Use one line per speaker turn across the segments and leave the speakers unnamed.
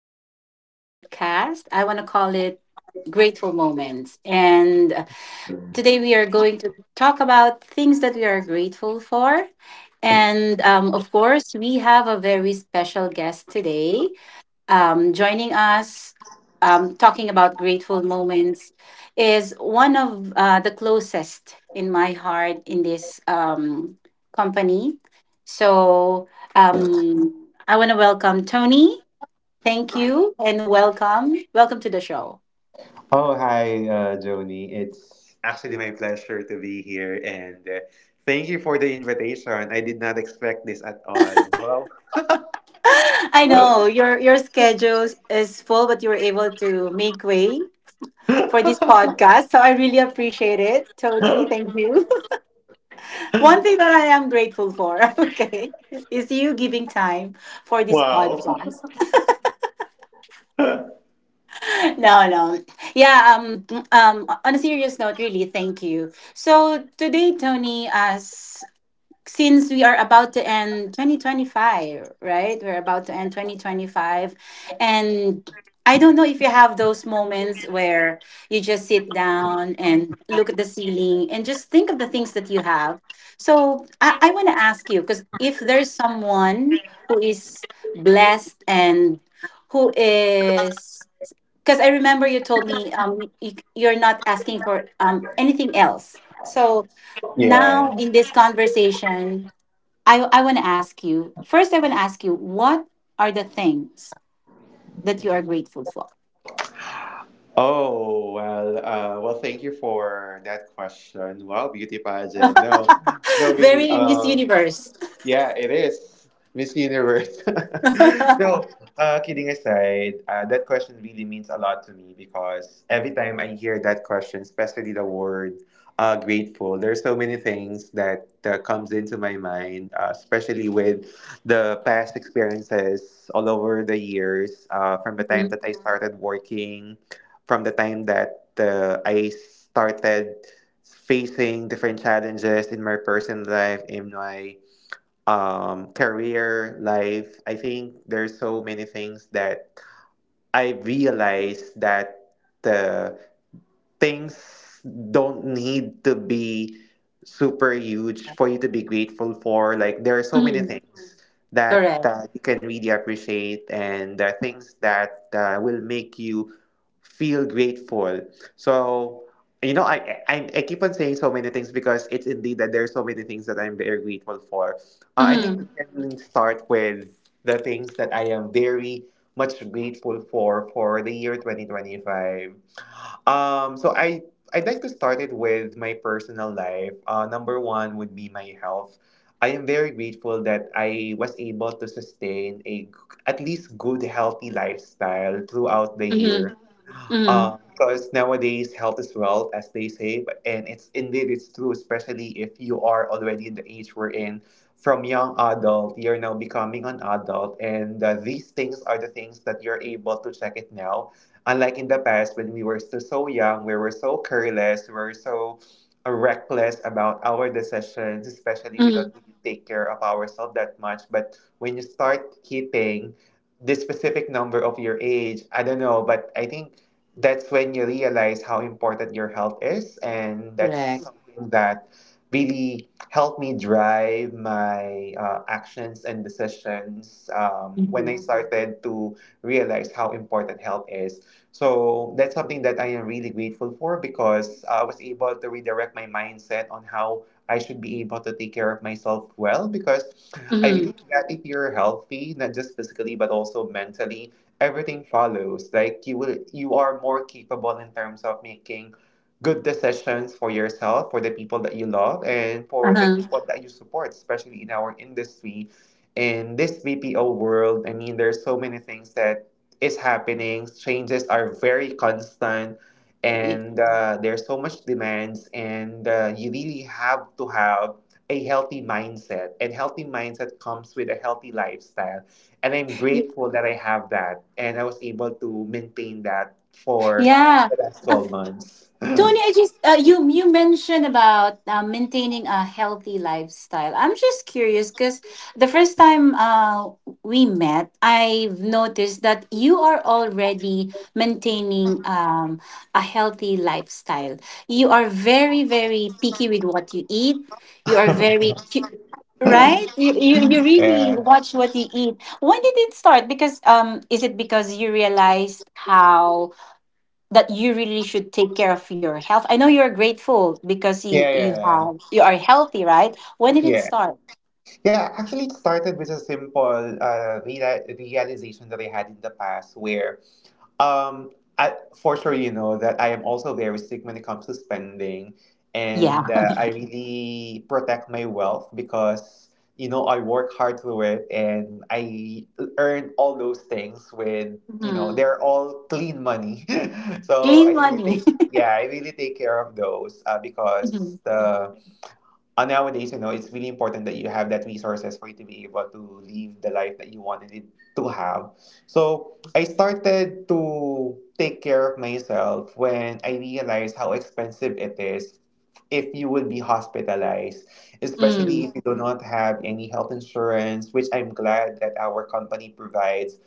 to our podcast. I want to call it Grateful Moments. And today we are going to talk about things that we are grateful for. And of course, we have a very special guest today, joining us, talking about grateful moments, is one of the closest in my heart in this company. So I want to welcome Tony. Thank you and welcome. Welcome to the show.
Oh, hi, Joni. It's actually my pleasure to be here, and thank you for the invitation. I did not expect this at all.
I know your schedule is full, but you were able to make way for this podcast. So I really appreciate it, Tony. Thank you. One thing that I am grateful for, okay, is you giving time for this
Wow.
podcast.
Wow.
No, no. Yeah, on a serious note, really, thank you. So today, Tony, as since we are about to end 2025, right? We're about to end 2025. And I don't know if you have those moments where you just sit down and look at the ceiling and just think of the things that you have. So I want to ask you because if there's someone who is blessed and who is because I remember you told me, you're not asking for anything else. So
Yeah.
now in this conversation, I want to ask you first, I want to ask you what are the things that you are grateful for?
Oh well. Well, thank you for that question. Wow, beauty pageant. No, no, really.
Very Miss Universe.
Yeah, it is. Miss Universe. No, kidding aside, that question really means a lot to me because every time I hear that question, especially the word grateful, there's so many things that comes into my mind, especially with the past experiences all over the years, from the time
Mhm.
that I started working, from the time that I started facing different challenges in my personal life, in my career, life. I think there's so many things that I realized that the things don't need to be super huge for you to be grateful for. Like there are so many
Mhm.
things that
Correct.
you can really appreciate, and things that will make you feel grateful. So I keep on saying so many things because it's indeed that there are so many things that I'm very grateful for. I think we
Mhm.
can start with the things that I am very much grateful for the year 2025. So I'd like to start it with my personal life. Number one would be my health. I am very grateful that I was able to sustain at least good healthy lifestyle throughout the
Mhm.
year.
Mhm.
Because nowadays health is wealth, as they say, and it's indeed it's true, especially if you are already in the age we're in. From young adult, you're now becoming an adult, and these things are the things that you're able to check it now. Unlike in the past when we were still so young, we were so careless, we were so reckless about our decisions, especially we don't
Mhm.
really take care of ourselves that much. But when you start hitting this specific number of your age, I don't know, but I think that's when you realize how important your health is, and that's
Correct.
something that really helped me drive my actions and decisions when
Mhm.
I started to realize how important health is. So that's something that I am really grateful for, because I was able to redirect my mindset on how I should be able to take care of myself well, because I
Mhm.
believe that if you're healthy, not just physically but also mentally, everything follows. Like you are more capable in terms of making good decisions for yourself, for the people that you love, and for the
Uh-huh.
people that you support, especially in our industry. In this BPO world, I mean there's so many things that is happening. Changes are very constant,
Y-
and there's so much demands, and you really have to have a healthy mindset, and healthy mindset comes with a healthy lifestyle, and I'm
y-
grateful that I have that and I was able to maintain that for
Yeah,
the last 12 months.
Tony, I just, you mentioned about maintaining a healthy lifestyle. I'm just curious because the first time, we met, I've noticed that you are already maintaining a healthy lifestyle. You are very very picky with what you eat. You are very right. You really
Yeah.
watch what you eat. When did it start? Because is it because you realized how that you really should take care of your health? I know you're grateful because
Yeah, yeah,
you are healthy, right? When did it
yeah.
start?
Yeah, actually, it started with a simple realization that I had in the past where Um, I, for sure, you know that I am also very strict when it comes to spending, and
Yeah.
I really protect my wealth because you know I work hard to it, and I earn all those things with, you know,
Mm-hmm.
they're all clean money. So
Gain
I really
money.
take, yeah, I really take care of those,
Mm-hmm.
because the nowadays, you know, it's really important that you have that resources for you to be able to live the life that you wanted it to have. So I started to take care of myself when I realized how expensive it is if you would be hospitalized, especially
Mm-hmm.
if you do not have any health insurance, which I'm glad that our company provides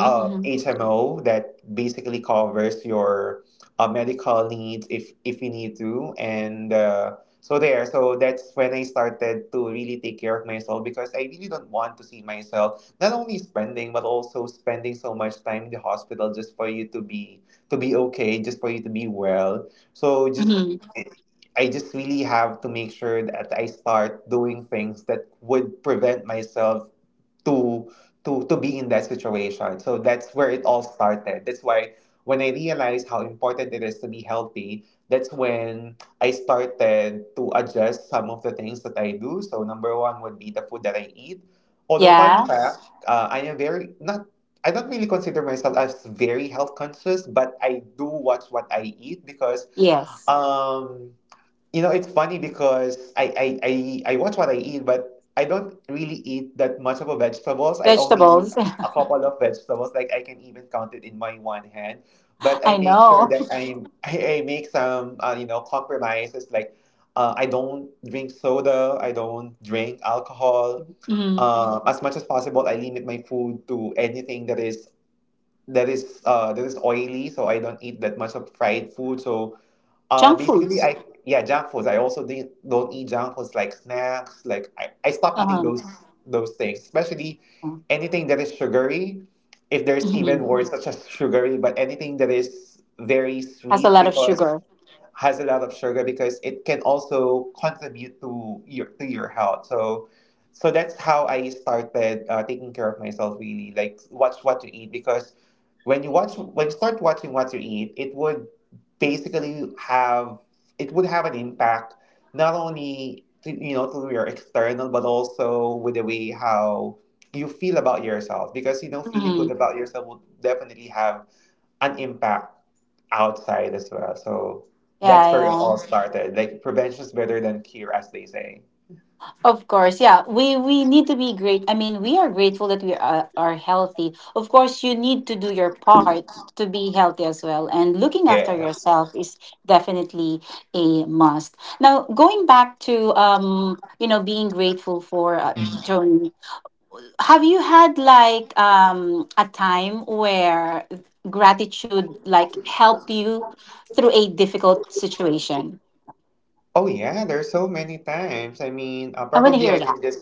HMO that basically covers your medical needs if you need to, and so that's when I started to really take care of myself, because I really don't want to see myself not only spending but also spending so much time in the hospital just for you to be okay, just for you to be well. So just
Mm-hmm.
I just really have to make sure that I start doing things that would prevent myself to to be in that situation. So that's where it all started. That's why when I realized how important it is to be healthy, that's when I started to adjust some of the things that I do. So number one would be the food that I eat. Although fun
Yeah.
fact, I am very not. I don't really consider myself as very health conscious, but I do watch what I eat, because
Yes.
um you know, it's funny because I watch what I eat, but I don't really eat that much of a vegetables. I only eat
Vegetables.
a couple of vegetables. Like I can even count it in my one hand. But
I
I make sure
know.
that I make some, you know, compromises. Like I don't drink soda. I don't drink alcohol.
Mm-hmm.
As much as possible, I limit my food to anything that is that is oily. So I don't eat that much of fried food. So
Junk
basically,
foods.
junk foods. I also don't eat junk foods like snacks. Like I stop eating
Uh-huh.
those things, especially
Mm-hmm.
anything that is sugary. If there's
Mm-hmm.
even words such as sugary, but anything that is very
Has a
sweet,
lot of
because
sugar.
has a lot of sugar, because it can also contribute to your health. So so that's how I started taking care of myself, really, like watch what you eat, because when you start watching what you eat, it would basically have it would have an impact not only to, you know, through your external but also with the way how you feel about yourself, because you know feeling good
Mm-hmm.
about yourself will definitely have an impact outside as well. So
Yeah.
that's where it all
Yeah.
started. Like prevention is better than cure, as they say.
Of course, yeah. We need to be great. I mean, we are grateful that we are healthy. Of course, you need to do your part to be healthy as well. And looking after
Yeah,
yourself is definitely a must. Now, going back to, being grateful for, Joan, have you had like a time where gratitude like helped you through a difficult situation?
oh yeah, there's so many times. I mean,
I want to
probably
hear
I
that.
can just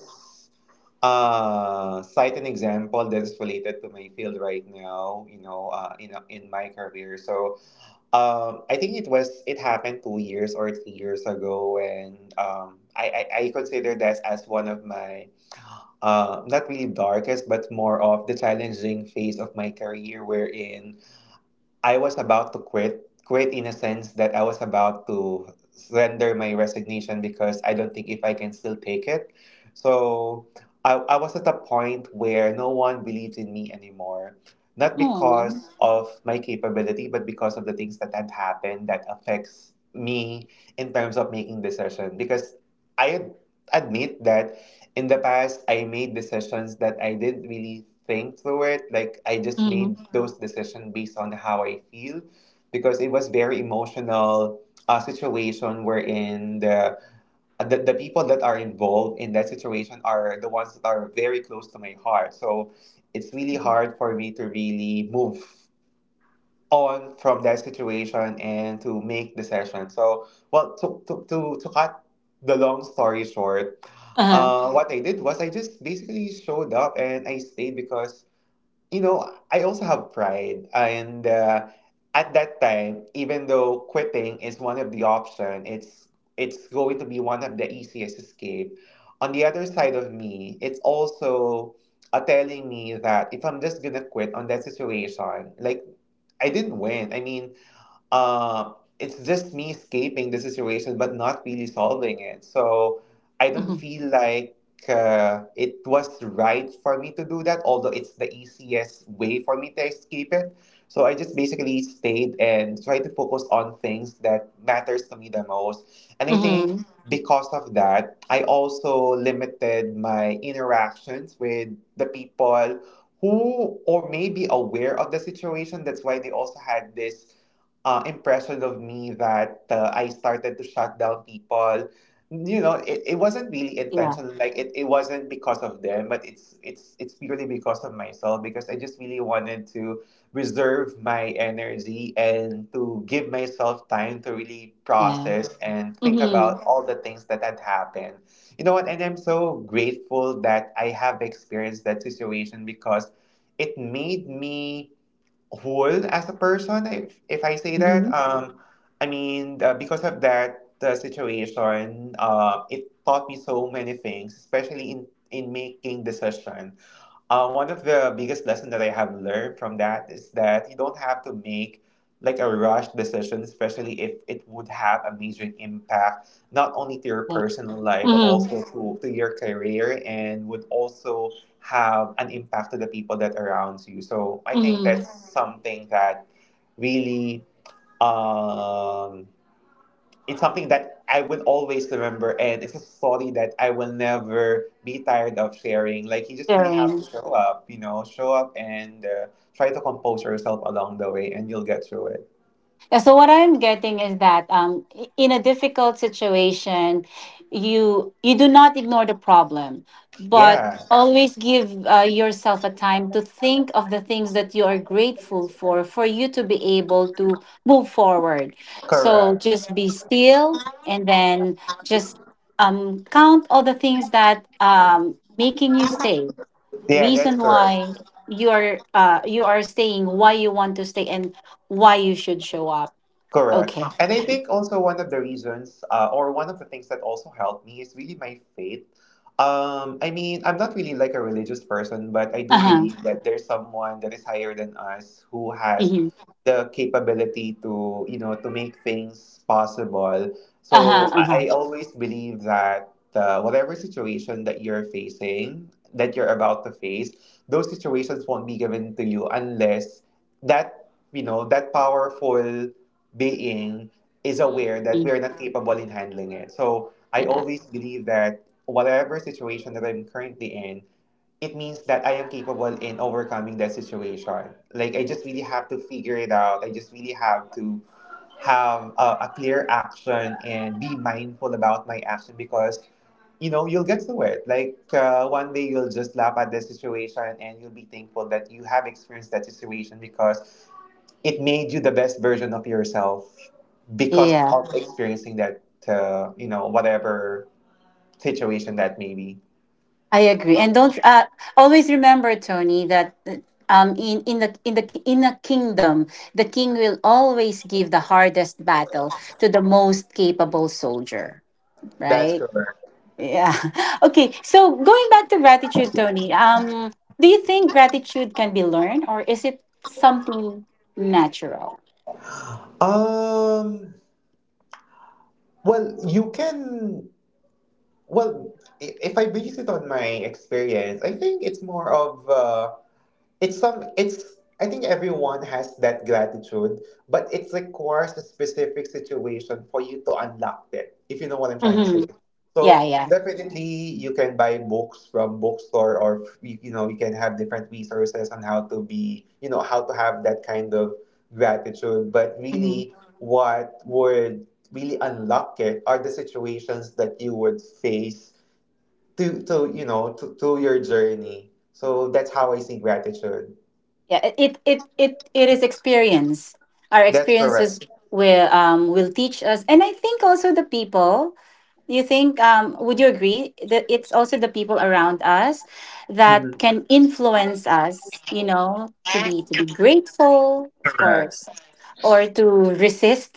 cite an example that is related to my field right now. You know, in my career. So I think it was it happened 2 years or 3 years ago, when I consider that as one of my not really darkest but more of the challenging phase of my career, wherein I was about to quit. Quit in a sense that I was about to render my resignation because I don't think if I can still take it. So I was at a point where no one believes in me anymore. Not
Mm-hmm.
because of my capability, but because of the things that had happened that affects me in terms of making decision. Because I ad- admit that in the past I made decisions that I didn't really think through it. Like I just
Mm-hmm.
made those decisions based on how I feel, because it was very emotional situation wherein the people that are involved in that situation are the ones that are very close to my heart. So it's really hard for me to really move on from that situation and to make decisions. So well to cut the long story short,
Uh-huh.
what I did was I just basically showed up and I stayed, because you know I also have pride, and at that time, even though quitting is one of the option, it's going to be one of the easiest escape, on the other side of me it's also telling me that if I'm just gonna quit on that situation, like I didn't win. I mean, uh, it's just me escaping the situation but not really solving it. So I don't
Mm-hmm.
feel like it was right for me to do that, although it's the easiest way for me to escape it. So I just basically stayed and tried to focus on things that matters to me the most. And I think
Mhm.
because of that, I also limited my interactions with the people who or may be aware of the situation. That's why they also had this impression of me that I started to shut down people. You know, it wasn't really
Yeah,
intentional. Like it wasn't because of them, but it's purely because of myself, because I just really wanted to reserve my energy and to give myself time to really
yeah.
process and think
Mhm.
about all the things that had happened. You know what? And I'm so grateful that I have experienced that situation because it made me whole as a person, if I say that
Mhm.
because of that the situation it taught me so many things, especially in making decisions. One of the biggest lesson that I have learned from that is that you don't have to make like a rushed decision, especially if it would have a major impact not only to your
Yeah.
personal life but
Mhm.
also to your career, and would also have an impact to the people that around you. So I think
Mhm.
that's something that really um, it's something that I would always remember, and it's a story that I will never be tired of sharing. Like you just really have to
Sharing.
show up, you know, show up and try to compose yourself along the way, and you'll get through it.
Yeah, so what I'm getting is that, in a difficult situation, you do not ignore the problem, but
Yeah,
always give yourself a time to think of the things that you are grateful for you to be able to move forward. So
correct.
just be still, and then just count all the things that, making you stay,
Yeah, that's
reason
correct.
why you are, you are staying, why you want to stay, and why you should show up.
Correct.
Okay.
And I think also one of the reasons, or one of the things that also helped me is really my faith. I mean, I'm not really like a religious person, but I do believe
Uh-huh.
that there's someone that is higher than us who has
Mm-hmm.
the capability to, you know, to make things possible. So
Uh-huh. Uh-huh.
I always believe that whatever situation that you're facing, that you're about to face, those situations won't be given to you unless that you know that powerful being is aware
Mm-hmm.
that
Hmm.
we are not capable in handling it. So I
Yeah,
always believe that whatever situation that I'm currently in, it means that I am capable in overcoming that situation. Like I just really have to figure it out. I just really have to have a clear action and be mindful about my action because you know, you'll get through it. Like one day you'll just laugh at the situation and you'll be thankful that you have experienced that situation because it made you the best version of yourself because
yeah,
of Mhm. experiencing that, you know, whatever situation that may be.
I agree, and don't, always remember, Tony, that, in a kingdom, the king will always give the hardest battle to the most capable soldier,
That's
right?
correct.
Yeah. Okay. So going back to gratitude, Tony, do you think gratitude can be learned or is it something natural?
Um, well, you can, well, I- If I base it on my experience, I think it's more of, it's some it's I think everyone has that gratitude, but it requires a specific situation for you to unlock it, if you know what I'm trying to say.
Mm-hmm. Yeah,
So
yeah.
definitely you can buy books from bookstore, or you know you can have different resources on how to be, you know, how to have that kind of gratitude. But
Mm-hmm.
really what would really unlock it are the situations that you would face to you know to your journey. So that's how I see gratitude.
Yeah. It is experience. Our
That's correct.
experiences will teach us. And I think also the people, you think, would you agree that it's also the people around us that
Mhm.
can influence us, to be grateful, of
Correct.
course, or to resist.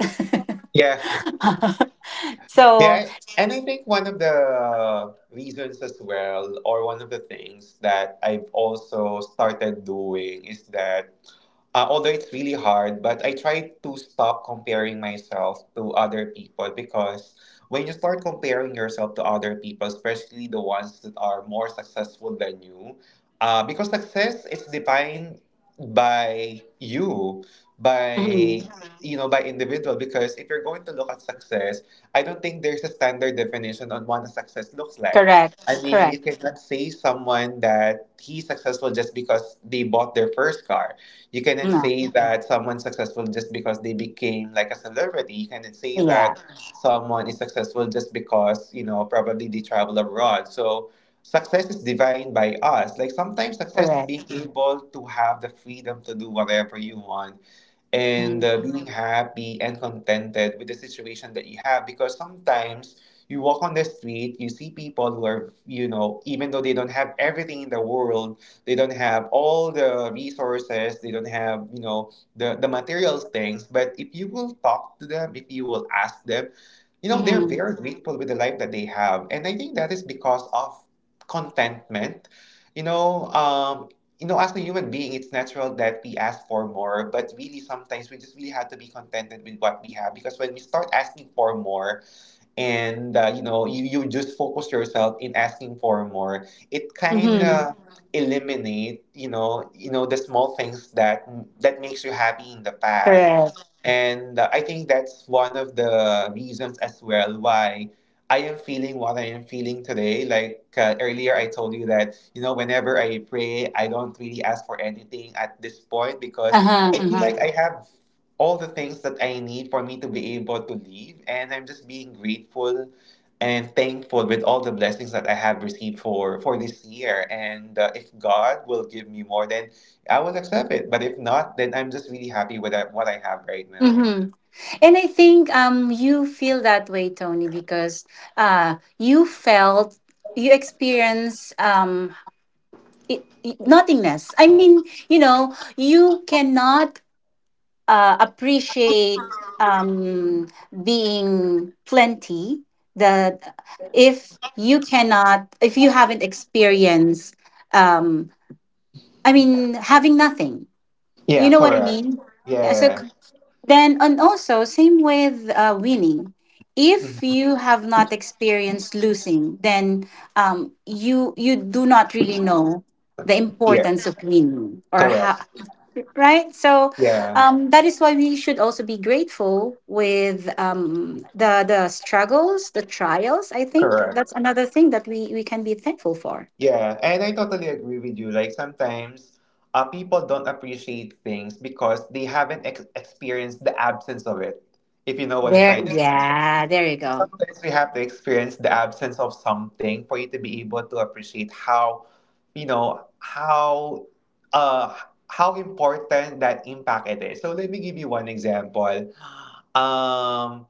Yeah.
So.
Yeah, and I think one of the reasons as well, or one of the things that I've also started doing is that although it's really hard, but I try to stop comparing myself to other people, because when you start comparing yourself to other people, especially the ones that are more successful than you, because success is defined by you, by
Mhm.
you know, by individual. Because if you're going to look at success, I don't think there's a standard definition on what a success looks like.
Correct,
I mean, you
correct.
cannot say someone that he's successful just because they bought their first car. You cannot
No,
say Mhm. that someone's successful just because they became like a celebrity. You cannot say
yeah,
that someone is successful just because, you know, probably they travel abroad. So success is defined by us. Like sometimes success is
correct.
being able to have the freedom to do whatever you want, and being happy and contented with the situation that you have, because sometimes you walk on the street, you see people who are, you know, even though they don't have everything in the world, they don't have all the resources, they don't have, you know, the material things, but if you will talk to them, if you will ask them, you know, they're
Mm-hmm,
very grateful with the life that they have. And I think that is because of contentment, you know. You know, as a human being, it's natural that we ask for more, but really sometimes we just really have to be contented with what we have, because when we start asking for more and you know, you just focus yourself in asking for more, it kind
mm-hmm,
of eliminate, you know, the small things that makes you happy in the past.
correct.
And I think that's one of the reasons as well why I am feeling what I am feeling today. Like earlier, I told you that, you know, whenever I pray, I don't really ask for anything at this point because
Uh-huh,
I feel
uh-huh.
like I have all the things that I need for me to be able to live. And I'm just being grateful and thankful with all the blessings that I have received for, this year. And if God will give me more, then I will accept it. But if not, then I'm just really happy with that- what I have right now.
Mm-hmm. And I think, you feel that way, Tony, because uh you felt you experience nothingness. I mean, you cannot appreciate being plenty, that, if you haven't experienced, um, I mean, having nothing,
Yeah,
you know what I
correct.
mean? Yeah. So
Yeah.
then, and also same with, winning.
Mhm. Yeah,
If
Mm-hmm.
you have not experienced losing, then, you do not really know the
Yeah,
importance of winning or how,
correct.
right? So,
Yeah,
that is why we should also be grateful with, the struggles, the trials. I think that's
correct.
another thing that we can be thankful for.
Yeah, and I totally agree with you. Like sometimes people don't appreciate things because they haven't experienced the absence of it, if you know what I'm
There,
trying to say.
yeah, there you
So
go.
sometimes we have to experience the absence of something for you to be able to appreciate how, you know, uh, how important that impact it is. So let me give you one example. Um,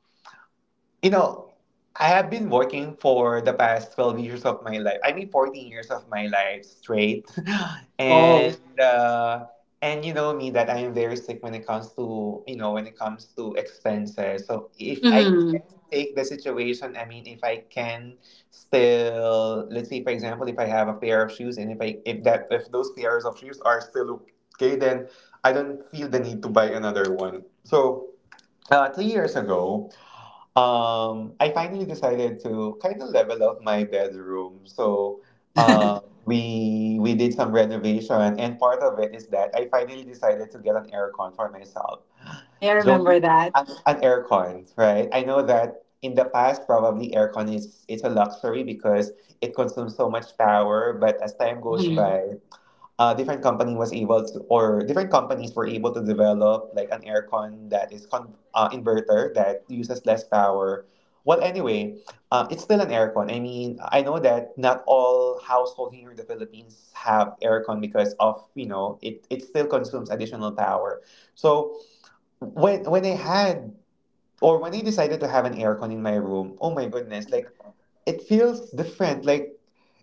you know, I have been working for the past 12 years of my life. I mean, 14 years of my life straight.
Oh.
and, uh, and you know me that I am very sick when it comes to, you know, when it comes to expenses. So if I
Hmm.
can take the situation, I mean, if I can still, let's say, for example, if I have a pair of shoes, and if I, if that, if those pairs of shoes are still okay, then I don't feel the need to buy another one. So, 2 years ago, I finally decided to kind of level up my bedroom. So, uh, we we did some renovation, and part of it is that I finally decided to get an aircon for myself.
I
Joan,
remember that.
an aircon, right? I know that in the past, probably aircon is it's a luxury because it consumes so much power. But as time goes
Mhm.
by, different company was able to, or different companies were able to develop like an aircon that is con inverter that uses less power. Well, anyway, it's still an aircon. I mean, I know that not all household here in the Philippines have aircon, because of, you know, it still consumes additional power. So when I had, or when I decided to have an aircon in my room, oh my goodness, like it feels different. Like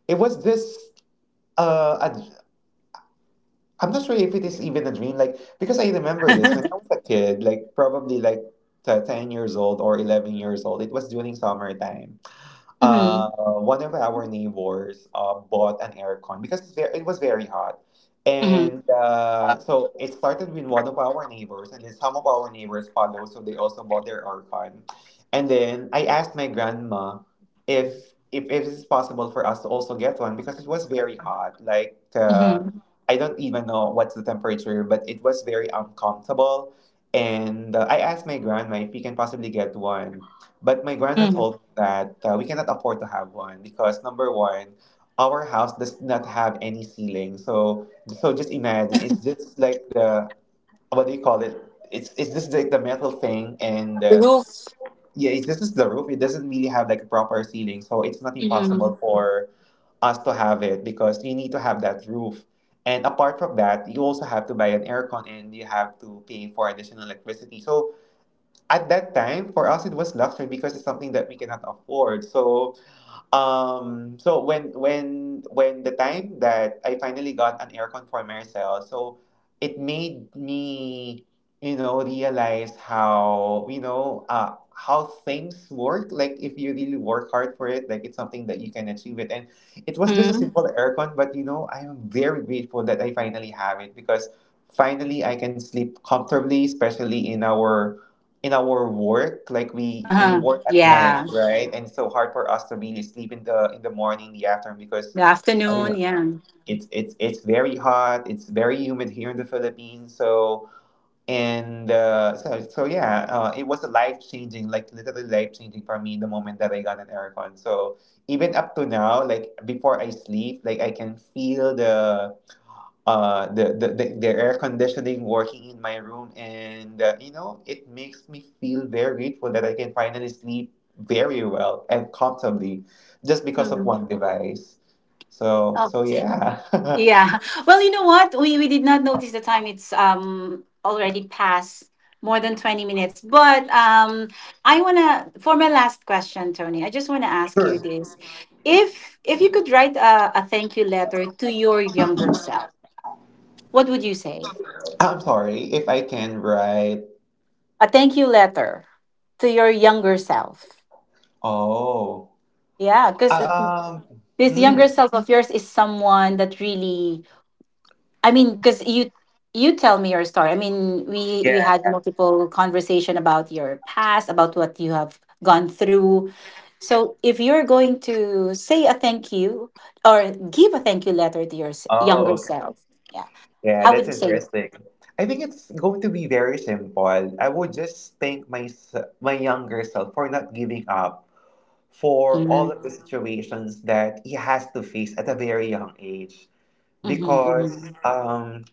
it was just uh, I'm not sure if it is even a dream, like because I remember this when I was a kid, like probably like 10 years old or 11 years old. It was during summertime.
Mhm.
Uh, one of our neighbors bought an aircon because it's it was very hot,
Mhm.
and so it started with one of our neighbors, and then some of our neighbors followed, so they also bought their aircon, and then I asked my grandma if it is possible for us to also get one, because it was very hot, like.
Mhm.
I don't even know what's the temperature, but it was very uncomfortable. And I asked my grandma if we can possibly get one. But my grandma
Mhm.
told me that we cannot afford to have one, because, number one, our house does not have any ceiling. So, so just imagine it's just like the what do you call it? It's just like the metal thing, and
The
uh,
roof.
yeah, it's just the roof. It doesn't really have like a proper ceiling, so it's not impossible
Mhm.
for us to have it, because you need to have that roof. And apart from that, you also have to buy an aircon and you have to pay for additional electricity. So at that time, for us, it was luxury, because it's something that we cannot afford. So so when the time that I finally got an aircon for Marcel, so it made me, you know, realize how, you know, how things work. Like if you really work hard for it, like it's something that you can achieve it. And it was just a
Mhm.
simple aircon, but you know, I am very grateful that I finally have it because finally I can sleep comfortably, especially in our work. Like we
Uh-huh.
work at night,
Yeah.
right, and it's so hard for us to really sleep in the morning, the afternoon, because
The
you
afternoon.
know,
Yeah.
it's very hot, it's very humid here in the Philippines. So and yeah, it was a life changing, like literally life changing, for me the moment that I got an aircon. So even up to now, like before I sleep, like I can feel the the air conditioning working in my room. And you know, it makes me feel very grateful that I can finally sleep very well and comfortably just because of
Mhm.
one device. So so yeah.
Yeah. Well, you know what? We did not notice the time. It's already past more than 20 minutes. But, I want to for my last question, Tony. I just want to ask you
Sure.
this. If you could write a thank you letter to your younger self, what would you say?
I'm sorry if I can write.
A thank you letter to your younger self.
Oh.
Yeah, cuz
Um
this
hmm.
younger self of yours is someone that really, I mean, because you tell me your story. I mean, we
Yeah.
had multiple conversation about your past, about what you have gone through. So if you're going to say a thank you or give a thank you letter to your younger
Oh, okay.
self, yeah,
Yeah,
how would
that's
you say it?
interesting. I think it's going to be very simple. I would just thank my younger self for not giving up, for all
Mm-hmm,
of the situations that he has to face at a very young age. Because
mm-hmm.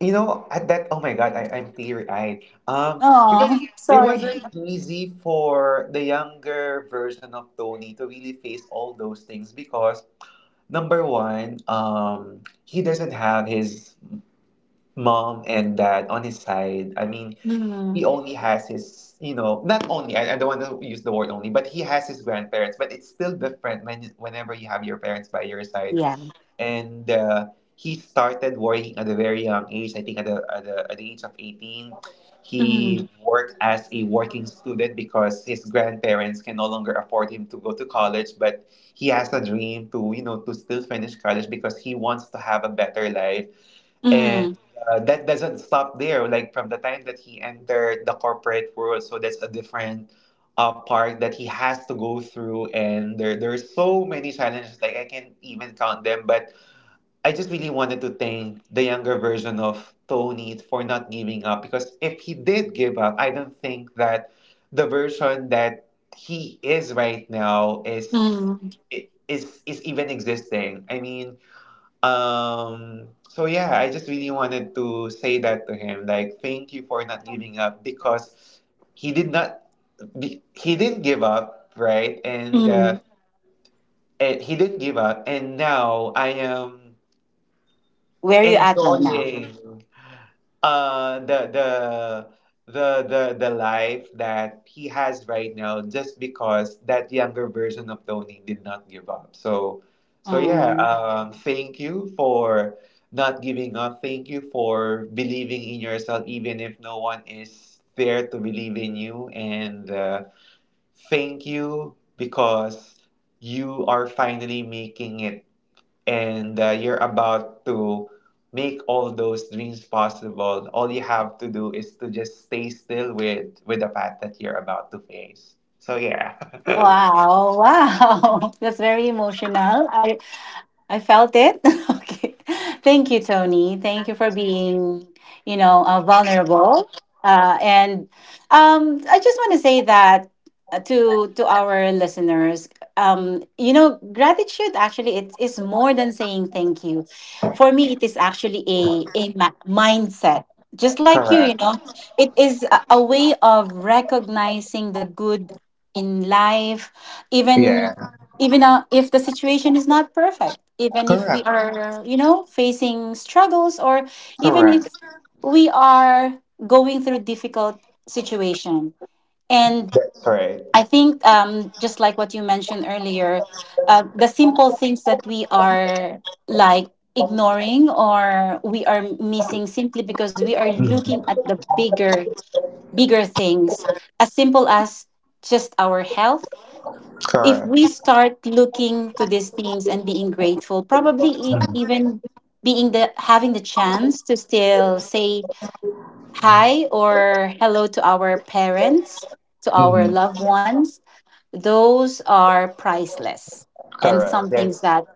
you know, at that, oh my God, I'm teary-eyed. Because
Oh,
it
sorry.
wasn't easy for the younger version of Tony to really face all those things. Because number one, he doesn't have his mom and dad on his side. I mean,
Mm,
he only has his, you know, not only, I don't want to use the word only, but he has his grandparents. But it's still different when whenever you have your parents by your side.
yeah.
And he started working at a very young age, I think at the age of 18. He
Mm,
worked as a working student because his grandparents can no longer afford him to go to college, but he has a dream to, you know, to still finish college because he wants to have a better life. And
mm,
that doesn't stop there. Like from the time that he entered the corporate world, so that's a different part that he has to go through. And there are so many challenges. Like I can't even count them. But I just really wanted to thank the younger version of Tony for not giving up. Because if he did give up, I don't think that the version that he is right now is
mm,
is even existing. I mean, so yeah, I just really wanted to say that to him, like thank you for not giving up. Because he did not he didn't give up, right?
mm.
And he didn't give up, and now I am
Where are you at right now?
enjoying uh the the the life that he has right now just because that younger version of Tony did not give up. So so yeah,
Mm.
thank you for not giving up. Thank you for believing in yourself even if no one is there to believe in you. And thank you because you are finally making it. And you're about to make all those dreams possible. All you have to do is to just stay still with the path that you're about to face. So yeah.
Wow, wow. That's very emotional. I felt it. Okay. Thank you, Tony. Thank you for being, vulnerable. And I just want to say that, to our listeners, gratitude actually it is more than saying thank you. For me, it is actually a mindset. Just like you,
Correct.
it is a way of recognizing the good in life, even
Yeah.
even if the situation is not perfect, even if we
Correct.
are facing struggles, or even if
Correct.
we are going through difficult situation. And
That's right.
I think, just like what you mentioned earlier, the simple things that we are like ignoring or we are missing simply because we are
Mhm.
looking at the bigger things, as simple as just our health. If we
Correct.
start looking to these things and being grateful, probably even being the having the chance to still say hi or hello to our parents, to our
Mhm.
loved ones, those are priceless and
Correct.
some
That's.
things that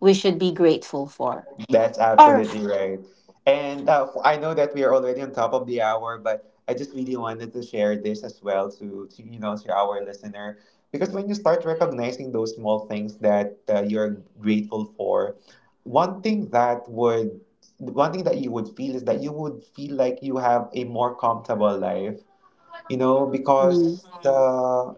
we should be grateful for.
That's
All right.
absolutely right. And I know that we are already on top of the hour, but I just really wanted to share this as well to you know, to our listener. Because when you start recognizing those small things that you're grateful for, one thing that would one thing that you would feel is that you would feel like you have a more comfortable life. You know, because the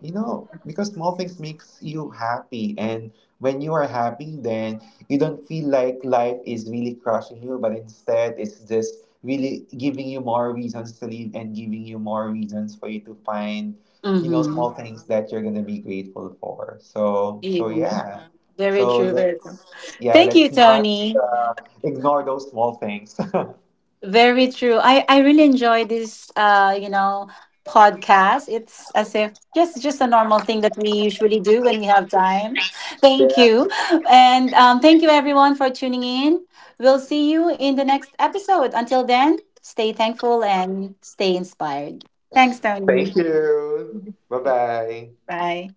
you know, because small things makes you happy. And when you are happy, then you don't feel like life is really crushing you, but instead it's just really giving you more reasons to live and giving you more reasons for you to find, you know,
Mm-hmm.
small things that you're gonna be grateful for. So so
Yeah.
yeah,
Very
so
true. Very true.
let's, yeah,
Thank you,
let's not
Tony.
uh, ignore those small things.
Very true. I really enjoy this, podcast. It's as if just a normal thing that we usually do when we have time. Thank
Yeah,
you. And thank you everyone for tuning in. We'll see you in the next episode. Until then, stay thankful and stay inspired. Thanks, Tony.
thank you, bye bye.
Bye.